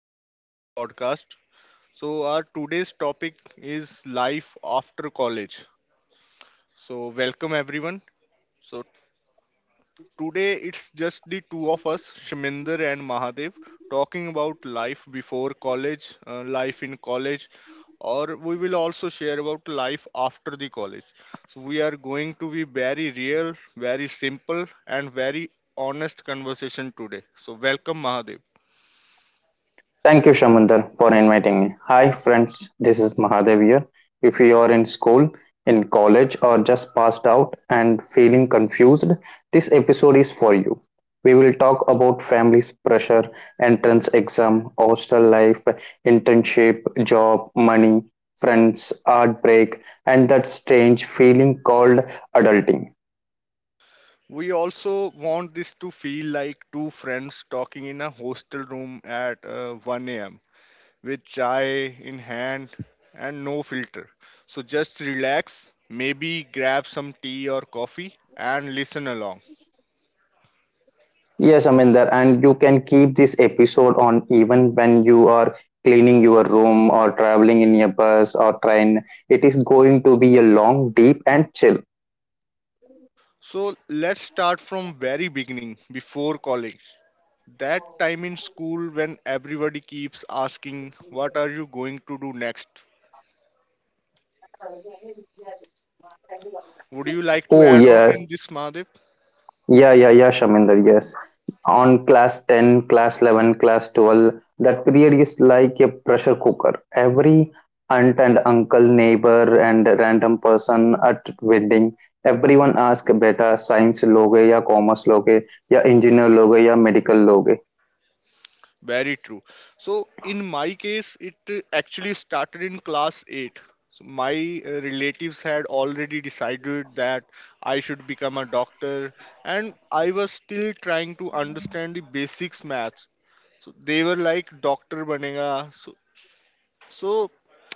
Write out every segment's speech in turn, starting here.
to today's podcast. Our today's topic is life after college. So welcome everyone. So today it's just the two of us, Shaminder and Mahadev, talking about life before college, life in college, or we will also share about life after the college. So we are going to be very real, very simple, and very honest conversation today. So welcome Mahadev. Thank you, Shamundar, for inviting me. Hi, friends. This is Mahadev here. If you are in school, in college, or just passed out and feeling confused, this episode is for you. We will talk about family's pressure, entrance exam, hostel life, internship, job, money, friends, heartbreak, and that strange feeling called adulting. We also want this to feel like two friends talking in a hostel room at 1 a.m. with chai in hand and no filter. So just relax, maybe grab some tea or coffee and listen along. Yes, Aminder, and you can keep this episode on even when you are cleaning your room or traveling in a bus or train. It is going to be a long, deep, and chill. So let's start from very beginning before college. That time in school when everybody keeps asking what are you going to do next? Would you like to Oh, add on yes. in this Madhav? Yeah, yeah, yeah, Shaminder, yes. On class 10, class 11, class 12, that period is like a pressure cooker. Every aunt and uncle, neighbor, and random person at wedding, everyone asks, beta, science loge ya commerce loge ya engineer loge ya medical loge?" Very true. So in my case, it actually started in class 8. So my relatives had already decided that I should become a doctor, and I was still trying to understand the basics maths. So they were like, "Doctor banega." So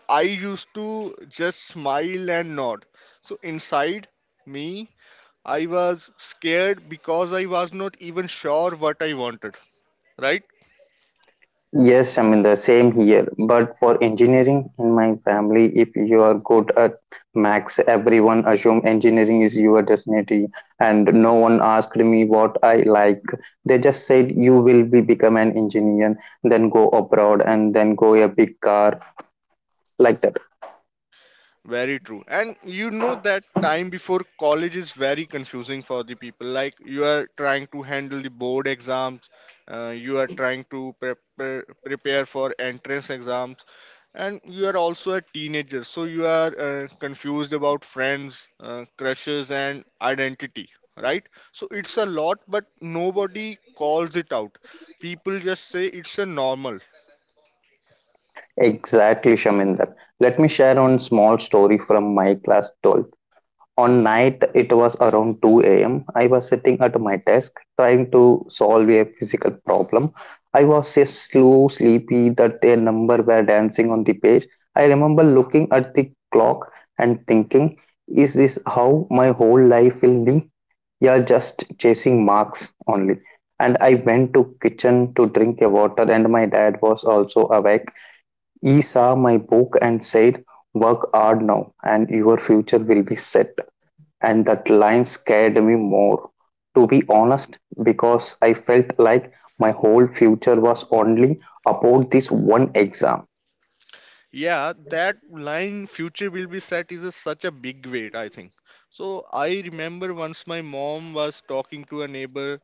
I used to just smile and nod. So inside me, I was scared because I was not even sure what I wanted. Right? Yes, I mean the same here. But for engineering in my family, if you are good at max, everyone assume engineering is your destiny, and no one asked me what I like. They just said you will be become an engineer, then go abroad, and then go a big car like that. Very true. And you know that time before college is very confusing for the people. Like you are trying to handle the board exams, you are trying to prepare for entrance exams, and you are also a teenager. So you are confused about friends, crushes, and identity, right? So it's a lot, but nobody calls it out. People just say it's a normal. Exactly, Shaminder. Let me share one small story from my class 12. On night it was around 2 a.m. I was sitting at my desk trying to solve a physical problem. I was so slow sleepy that a number were dancing on the page. I remember looking at the clock and thinking, is this how my whole life will be? Yeah, just chasing marks only. And I went to kitchen to drink a water and my dad was also awake. He saw my book and said, work hard now and your future will be set. And that line scared me more, to be honest, because I felt like my whole future was only about this one exam. Yeah, that line future will be set is a, such a big weight, I think. So I remember once my mom was talking to a neighbor.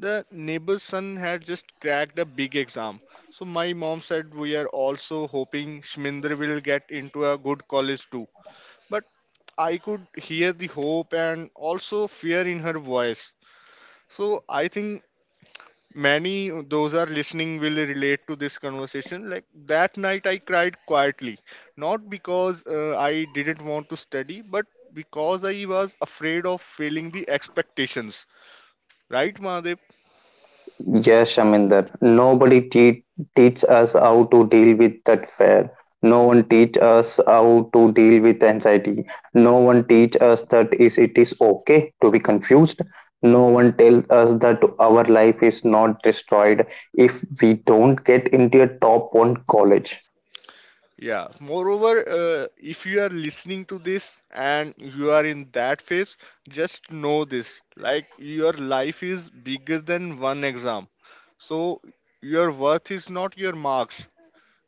The neighbor's son had just cracked a big exam. So my mom said we are also hoping Shminder will get into a good college too. But I could hear the hope and also fear in her voice. So I think Many those are listening will relate to this conversation. Like that night, I cried quietly, not because I didn't want to study, but because I was afraid of failing the expectations. Right, Mahadev? Yes, Shaminder, nobody teach us how to deal with that fear. No one teach us how to deal with anxiety. No one teach us that is it is okay to be confused. No one tells us that our life is not destroyed if we don't get into a top one college. Yeah. Moreover, if you are listening to this and you are in that phase, just know this: like your life is bigger than one exam. So your worth is not your marks,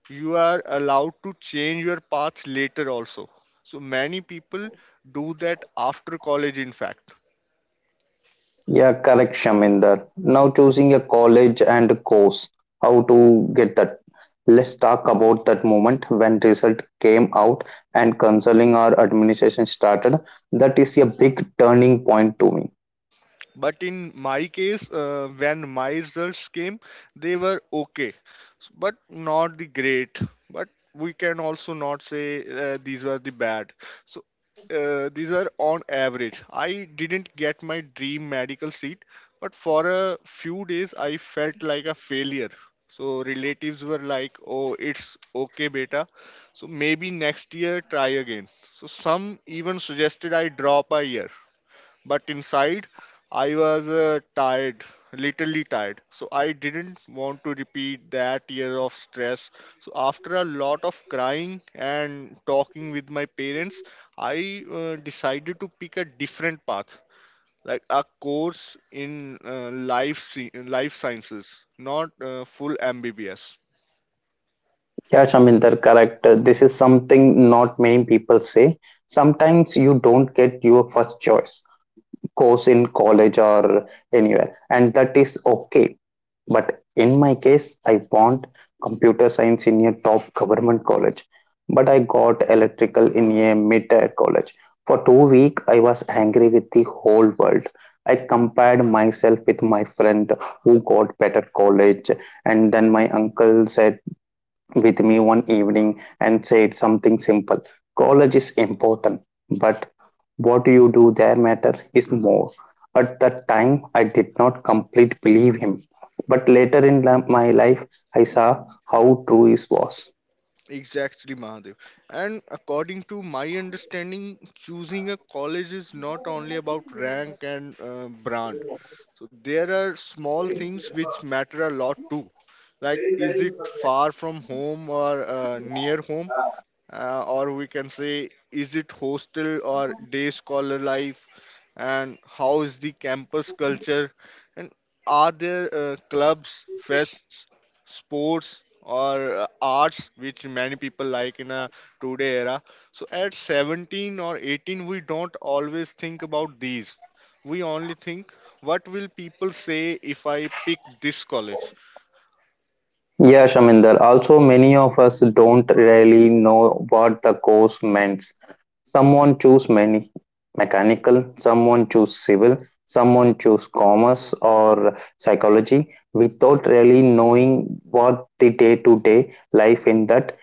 you are allowed to change your path later also. So many people do that after college in fact. Yeah, correct, Shaminder. Now choosing a college and course. How to get that? Let's talk about that moment when result came out and counseling or administration started. That is a big turning point to me. But in my case, when my results came, they were okay, but not the great. But we can also not say these were the bad. So these are on average. I didn't get my dream medical seat, but for a few days I felt like a failure. So relatives were like, oh, it's okay beta, so maybe next year try again. So some even suggested I drop a year. But inside, I was tired, literally tired. So I didn't want to repeat that year of stress. So after a lot of crying and talking with my parents, I decided to pick a different path, like a course in life sciences, not full MBBS. Yeah, Shaminder, correct. This is something not many people say. Sometimes you don't get your first choice. Course in college or anywhere, and that is okay. But in my case, I want computer science in a top government college, but I got electrical in a mid-tier college. For 2 weeks, I was angry with the whole world. I compared myself with my friend who got better college. And then my uncle said with me one evening and said something simple. College is important, but what you do there matter is more. At that time, I did not completely believe him, but later in my life, I saw how true it was. Exactly, Mahadev. And according to my understanding, choosing a college is not only about rank and brand. So there are small things which matter a lot too. Like, is it far from home or near home? Or we can say, is it hostel or day scholar life? And how is the campus culture? And are there clubs, fests, sports, or arts, which many people like in a today era? So at 17 or 18, we don't always think about these. We only think, what will people say if I pick this college? Yeah, Shaminder. Also, many of us don't really know what the course meant. Someone choose many mechanical, someone choose civil, someone choose commerce or psychology without really knowing what the day-to-day life in that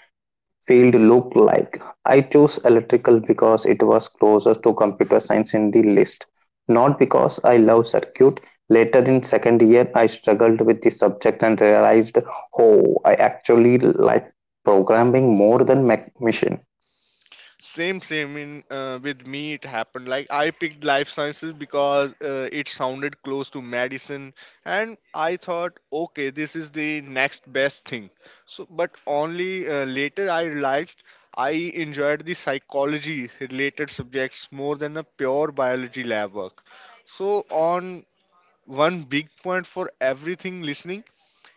field looked like. I chose electrical because it was closer to computer science in the list, not because I love circuit. Later in second year, I struggled with the subject and realized, oh, I actually like programming more than machine. Same, same. In with me, it happened. Like, I picked life sciences because it sounded close to medicine, and I thought, okay, this is the next best thing. So, but only later I realized I enjoyed the psychology related subjects more than a pure biology lab work. So, on one big point for everything listening.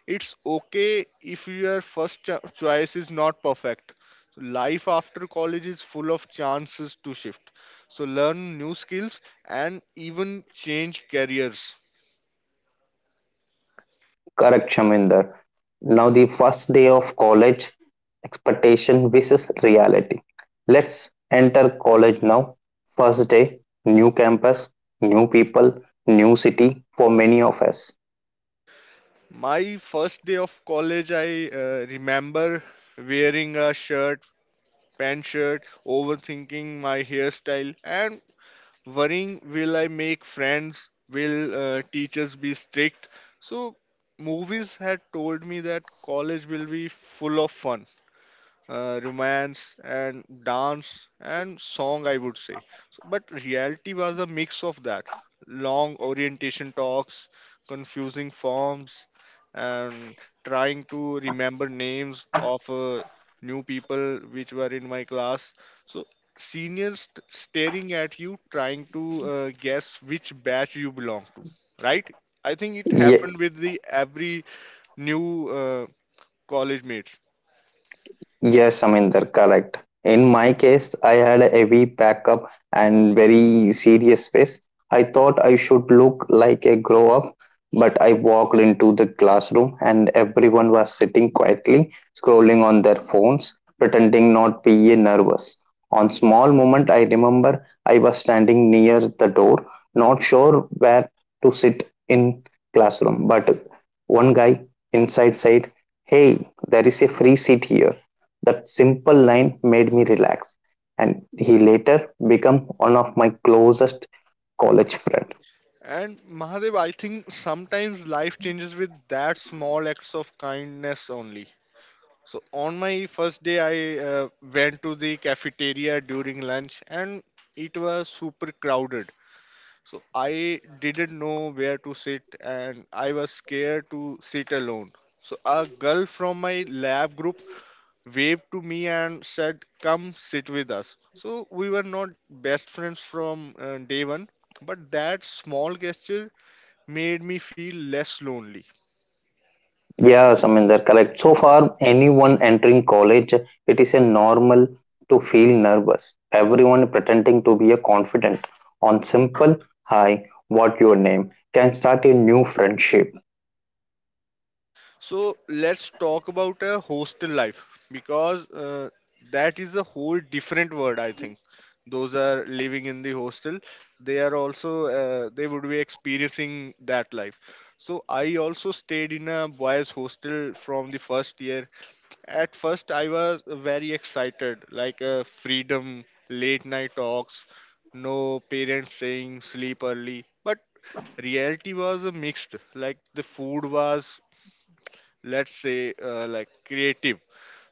It's okay if your choice is not perfect. So life after college is full of chances to shift. So learn new skills and even change careers. Correct, Shaminder. Now the first day of college, expectation versus reality. Let's enter college now. First day, new campus, new people, new city for many of us. My first day of college, I remember wearing a shirt, pant shirt, overthinking my hairstyle, and worrying, will I make friends? Will teachers be strict? So movies had told me that college will be full of fun, romance and dance and song, I would say. So, but reality was a mix of that: long orientation talks, confusing forms, and trying to remember names of new people which were in my class. So seniors staring at you, trying to guess which batch you belong to, right? I think it Ye- happened with the every new college mates. Yes, I mean they're correct. In my case, I had a heavy backup and very serious face. I thought I should look like a grow up, but I walked into the classroom and everyone was sitting quietly, scrolling on their phones, pretending not be nervous. On small moment, I remember I was standing near the door, not sure where to sit in classroom, but one guy inside said, "Hey, there is a free seat here." That simple line made me relax, and he later became one of my closest college friends. And Mahadev, I think sometimes life changes with that small acts of kindness only. So on my first day, I went to the cafeteria during lunch, and it was super crowded. So I didn't know where to sit, and I was scared to sit alone. So a girl from my lab group waved to me and said, "Come sit with us." So we were not best friends from day one, but that small gesture made me feel less lonely. Yes, I mean they're correct. So far, anyone entering college, it is a normal to feel nervous. Everyone pretending to be a confident on simple hi, what your name can start a new friendship. So let's talk about a hostel life, because that is a whole different word, I think. Those are living in the hostel, they are also they would be experiencing that life. So I also stayed in a boys' hostel from the first year. At first, I was very excited, like freedom, late night talks, no parents saying sleep early. But reality was mixed. Like, the food was, let's say, like creative.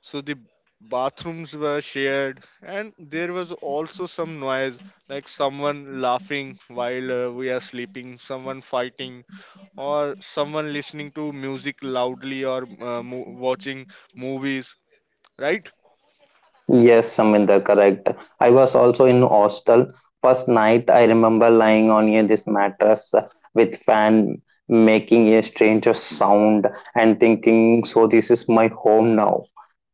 So the bathrooms were shared, and there was also some noise, like someone laughing while we are sleeping, someone fighting, or someone listening to music loudly or watching movies, right? Yes, Saminder, correct. I was also in hostel. First night, I remember lying on a this mattress with fan making a strange sound and thinking, so this is my home now.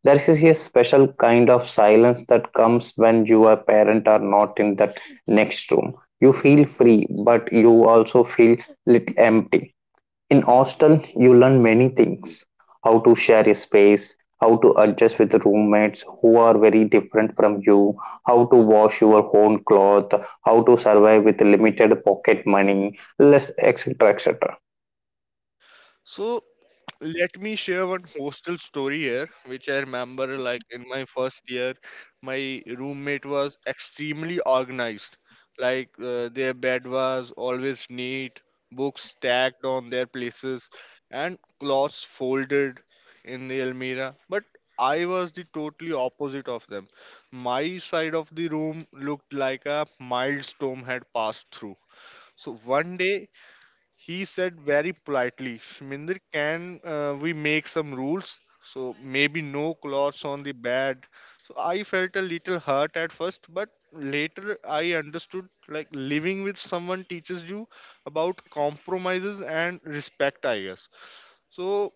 There is a special kind of silence that comes when your parent are not in that next room. You feel free, but you also feel little empty in hostel. You learn many things: how to share a space, how to adjust with roommates who are very different from you, how to wash your own cloth, how to survive with limited pocket money, less etc. etc. So let me share one hostel story here, which I remember. Like in my first year, my roommate was extremely organized. Like their bed was always neat, books stacked on their places, and clothes folded in the almirah. But I was the totally opposite of them. My side of the room looked like a mild storm had passed through. So one day he said very politely, Shminder, can we make some rules? So maybe no clothes on the bed. So I felt a little hurt at first, but later I understood, like living with someone teaches you about compromises and respect, I guess. So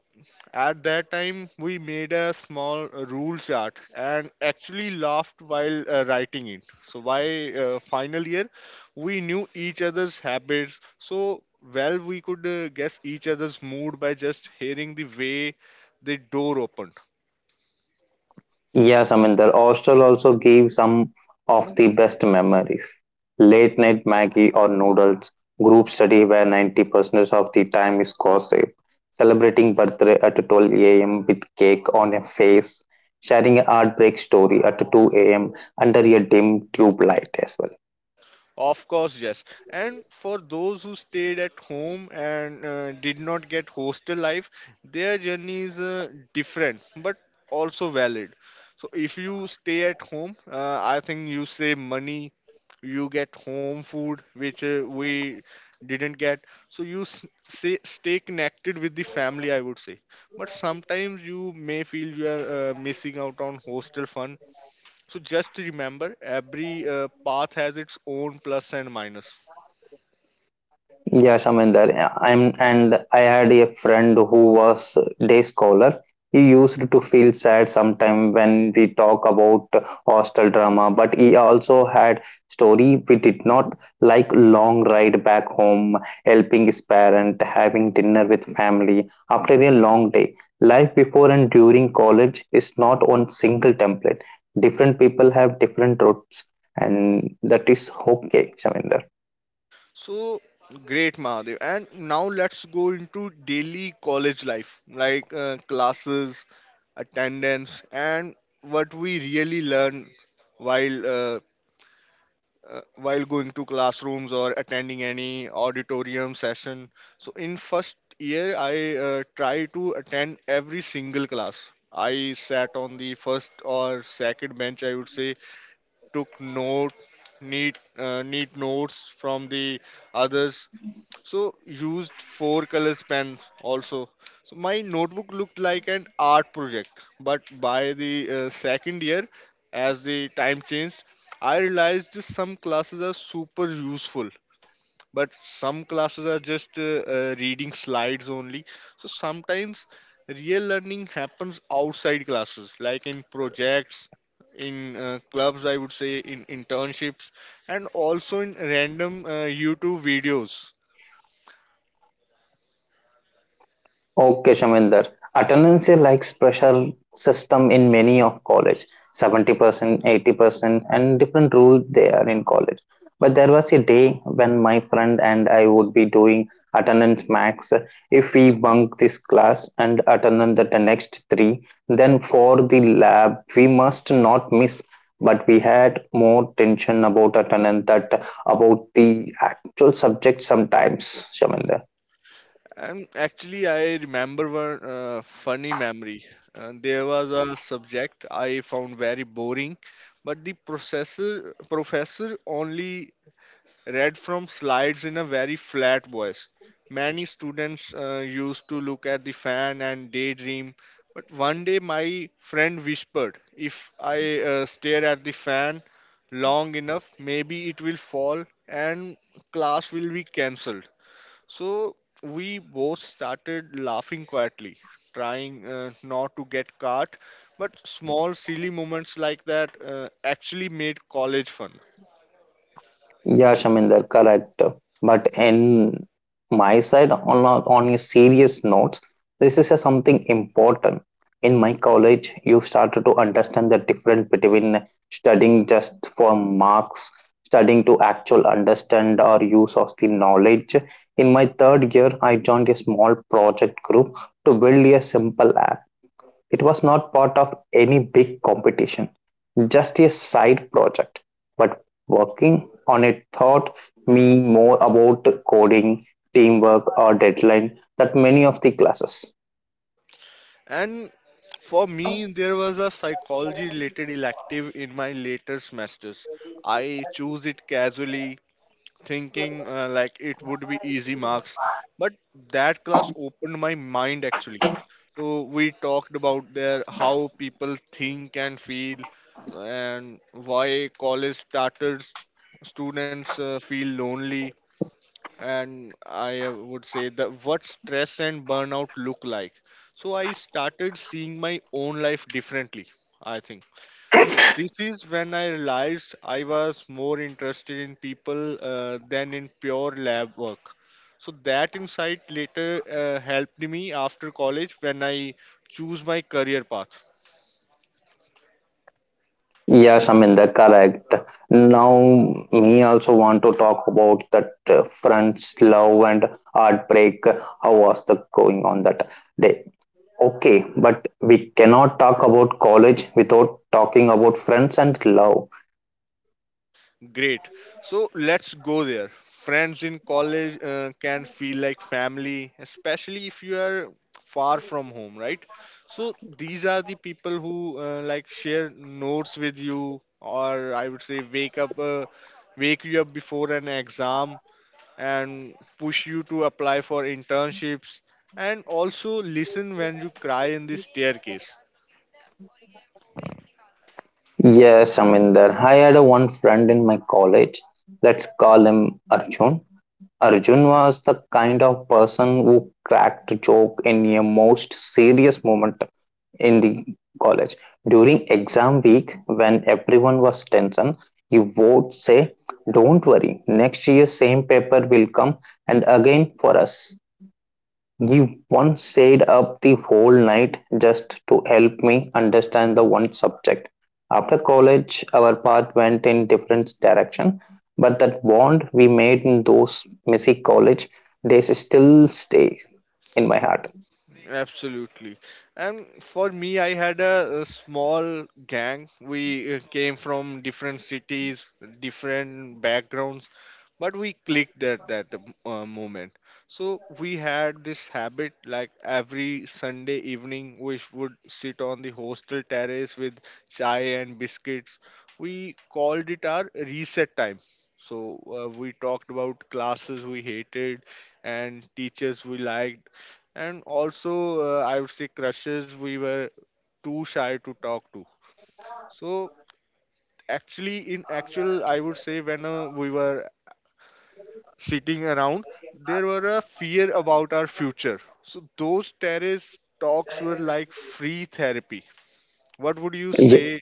at that time, we made a small rule chart and actually laughed while writing it. So, by final year, we knew each other's habits so well we could guess each other's mood by just hearing the way the door opened. Yes, Aminder. Hostel also gave some of the best memories. Late night Maggie or noodles, group study where 90% of the time is gossip, celebrating birthday at 12 a.m. with cake on a face, sharing a heartbreak story at 2 a.m. under a dim tube light as well. Of course, yes. And for those who stayed at home and did not get hostel life, their journey is different but also valid. So, if you stay at home, I think you save money, you get home food, which we didn't get. So, you stay connected with the family, I would say. But sometimes you may feel you are missing out on hostel fun, so just remember, every path has its own plus and minus. Yeah, Shaminder. I'm and I had a friend who was day scholar. He used to feel sad sometime when we talk about hostel drama, but he also had story we did not like long ride back home, helping his parent, having dinner with family after a long day. Life before and during college is not one single template. Different people have different routes, and that is okay, Shaminder. So great, Mahadev. And now let's go into daily college life, like classes, attendance, and what we really learn while uh, while going to classrooms or attending any auditorium session. So in first year, I try to attend every single class. I sat on the first or second bench, I would say, took note, neat notes from the others. So used 4 colors pen also. So my notebook looked like an art project. But by the second year, as the time changed, I realized some classes are super useful, but some classes are just reading slides only. So sometimes real learning happens outside classes, like in projects, in clubs, I would say, in internships, and also in random YouTube videos. Okay, Shaminder. Attendance is like pressure system in many of college, 70%, 80% and different rules they are in college. But there was a day when my friend and I would be doing attendance max. If we bunk this class and attend the next three, then for the lab, we must not miss. But we had more tension about attendance that about the actual subject sometimes, Shaminder. And actually I remember one funny memory. There was a subject I found very boring, but the professor only read from slides in a very flat voice. Many students used to look at the fan and daydream, but one day my friend whispered, if I stare at the fan long enough, maybe it will fall and class will be cancelled. So we both started laughing quietly, trying not to get caught, but small silly moments like that actually made college fun. Yeah, Shaminder, correct. But in my side, on a serious notes, this is a something important. In my college, you started to understand the difference between studying just for marks, studying to actual understand or use of the knowledge. In my third year, I joined a small project group to build a simple app. It was not part of any big competition just a side project, but working on it taught me more about coding, teamwork, or deadline that many of the classes. And for me, there was a psychology related elective in my later semesters. I chose it casually, thinking like it would be easy marks. But that class opened my mind actually. So we talked about their how people think and feel, and why college started students feel lonely, and I would say that what stress and burnout look like. So I started seeing my own life differently, I think. So this is when I realized I was more interested in people than in pure lab work. So that insight later helped me after college when I choose my career path. Yeah, Shaminder, correct. Now, me also want to talk about that friends, love, and heartbreak. How was the going on that day? Okay, but we cannot talk about college without talking about friends and love. Great. So let's go there. Friends in college can feel like family, especially if you are far from home, right? So these are the people who like share notes with you, or I would say wake you up before an exam, and push you to apply for internships, and also listen when you cry in the staircase. Yes, I'm in there. I had a one friend in my college. Let's call him Arjun. Arjun was the kind of person who cracked a joke in a most serious moment in the college. During exam week, when everyone was tension, he would say, Don't worry, next year same paper will come and again for us. He once stayed up the whole night just to help me understand the one subject. After college, our path went in different direction, but that bond we made in those messy college days still stays in my heart. Absolutely. And for me, I had a small gang. We came from different cities, different backgrounds, but we clicked at that moment. So we had this habit, like every Sunday evening we would sit on the hostel terrace with chai and biscuits. We called it our reset time. So we talked about classes we hated and teachers we liked, and also, I would say, crushes we were too shy to talk to. So actually, in actual, I would say, when we were sitting around, there were a fear about our future. So those terrace talks were like free therapy. What would you Ye- say?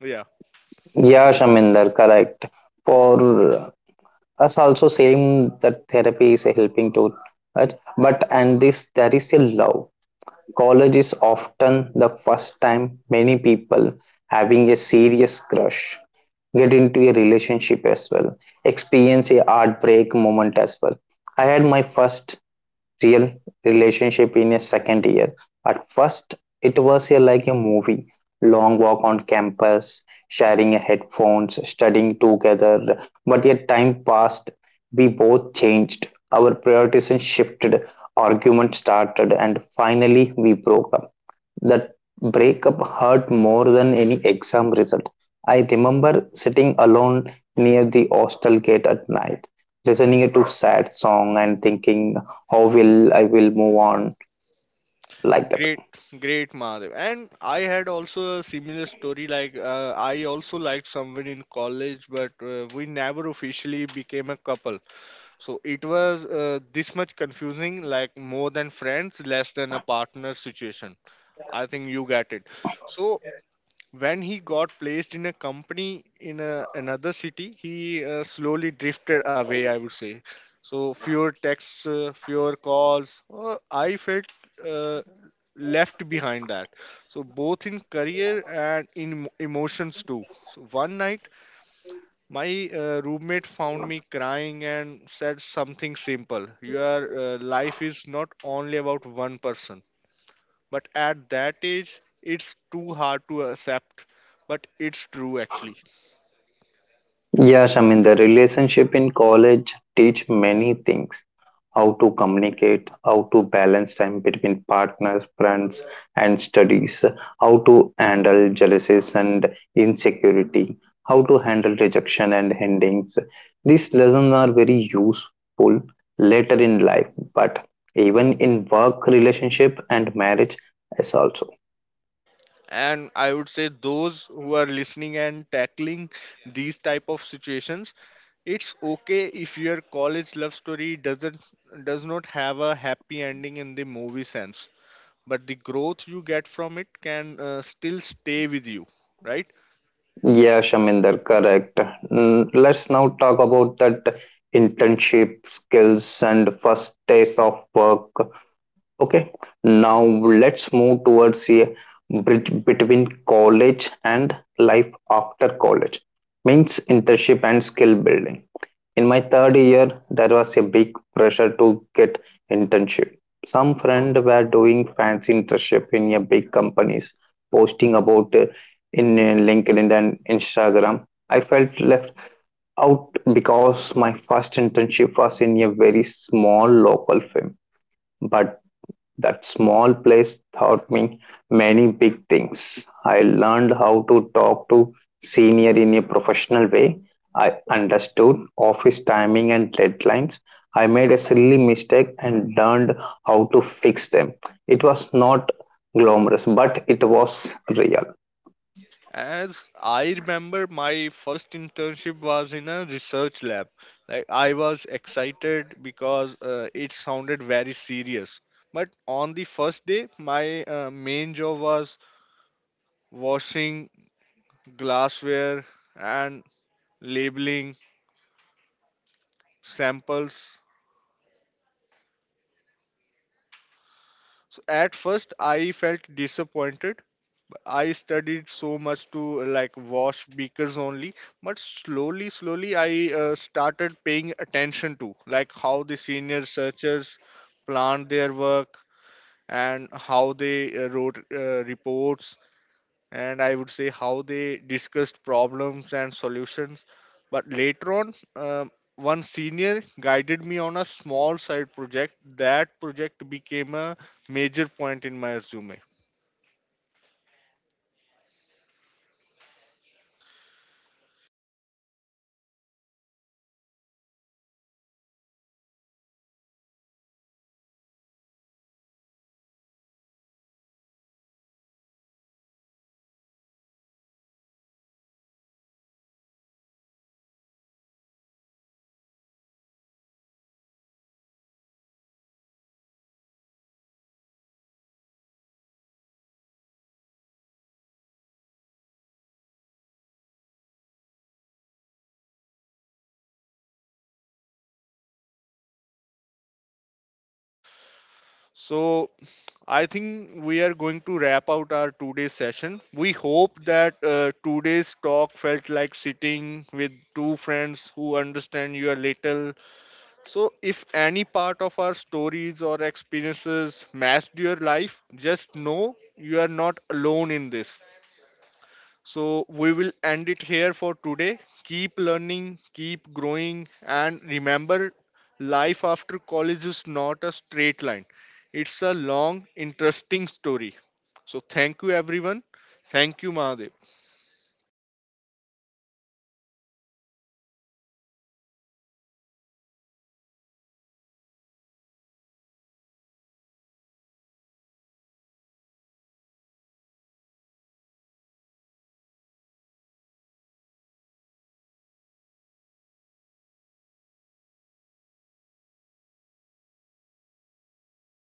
Yeah, Yeah, Shaminder, correct. For us also same that therapy is helping to us, but and this there is a love. College is often the first time many people having a serious crush get into a relationship as well, experience a heartbreak moment as well. I had my first real relationship in a second year. At first, it was like a movie long walk on campus, sharing a headphones, studying together. But yet, time passed, we both changed, our priorities shifted, arguments started, and finally, we broke up. That breakup hurt more than any exam result. I remember sitting alone near the hostel gate at night, listening to sad song and thinking how will I will move on like that. great, great, Mahadev. And I had also a similar story. Like I also liked someone in college, but we never officially became a couple. So it was this much confusing, like more than friends, less than a partner situation. I think you get it. So when he got placed in a company in another city, he slowly drifted away, I would say. So fewer texts, fewer calls, I felt uh, left behind that. So both in career and in emotions too. So one night my roommate found me crying and said something simple: your life is not only about one person. But at that age it's too hard to accept, but it's true actually. Yes, I mean the relationship in college teach many things. How to communicate, how to balance time between partners, friends, and studies, how to handle jealousies and insecurity, how to handle rejection and endings. These lessons are very useful later in life, but even in work, relationship, and marriage, as also. And I would say, those who are listening and tackling these type of situations, it's okay if your college love story does not have a happy ending in the movie sense, but the growth you get from it can still stay with you, right? Yeah, Shaminder, correct. Mm, let's now talk about that internship skills and first days of work. Okay, now let's move towards a bridge between college and life after college. Means internship and skill building. In my third year, there was a big pressure to get internship. Some friends were doing fancy internship in a big companies, posting about in LinkedIn and Instagram. I felt left out because my first internship was in a very small local firm, but that small place taught me many big things. I learned how to talk to senior in a professional way. I understood office timing and deadlines. I made a silly mistake and learned how to fix them. It was not glamorous, but it was real. As I remember, my first internship was in a research lab. Like, I was excited because it sounded very serious. But on the first day, my Shaminder, where main job you was how was your washing first internship in your glassware college, Shaminder? and labeling samples. So at first, I felt disappointed. I studied so much to like wash beakers only, but slowly, slowly I started paying attention to like how the senior researchers planned their work, and how they wrote reports, and I would say how they discussed problems and solutions. But later on, one senior guided me on a small side project. That project became a major point in my resume. So I think we are going to wrap out our 2-day session. We hope that today's talk felt like sitting with two friends who understand you a little. So if any part of our Okay, so stories we or started the experiences conversation matched from your school life, days and the just know pressure you are were not thought alone medals in of this. college and then into the messy. So we will On a end space it called here Life for After today. College, if Keep you're learning, listening and keep you feel growing, and confused or remember, behind, remember this. life after Nobody college had it is full not a figured out, straight line, and that is a it's a completely long, okay. interesting story. Thank you for So giving thank us you, time, everyone. years, Thank you, year, Mahadev. and your heart, and take care of your health and your mind, your money, and your relationship. Be kind of yourself while you are sitting, figure out and think this. We will end it here for today. Keep learning, keep growing, and remember life after college is not a straight line, it's a long, interesting story. This is Saminder and Mahadev signing off. Bye.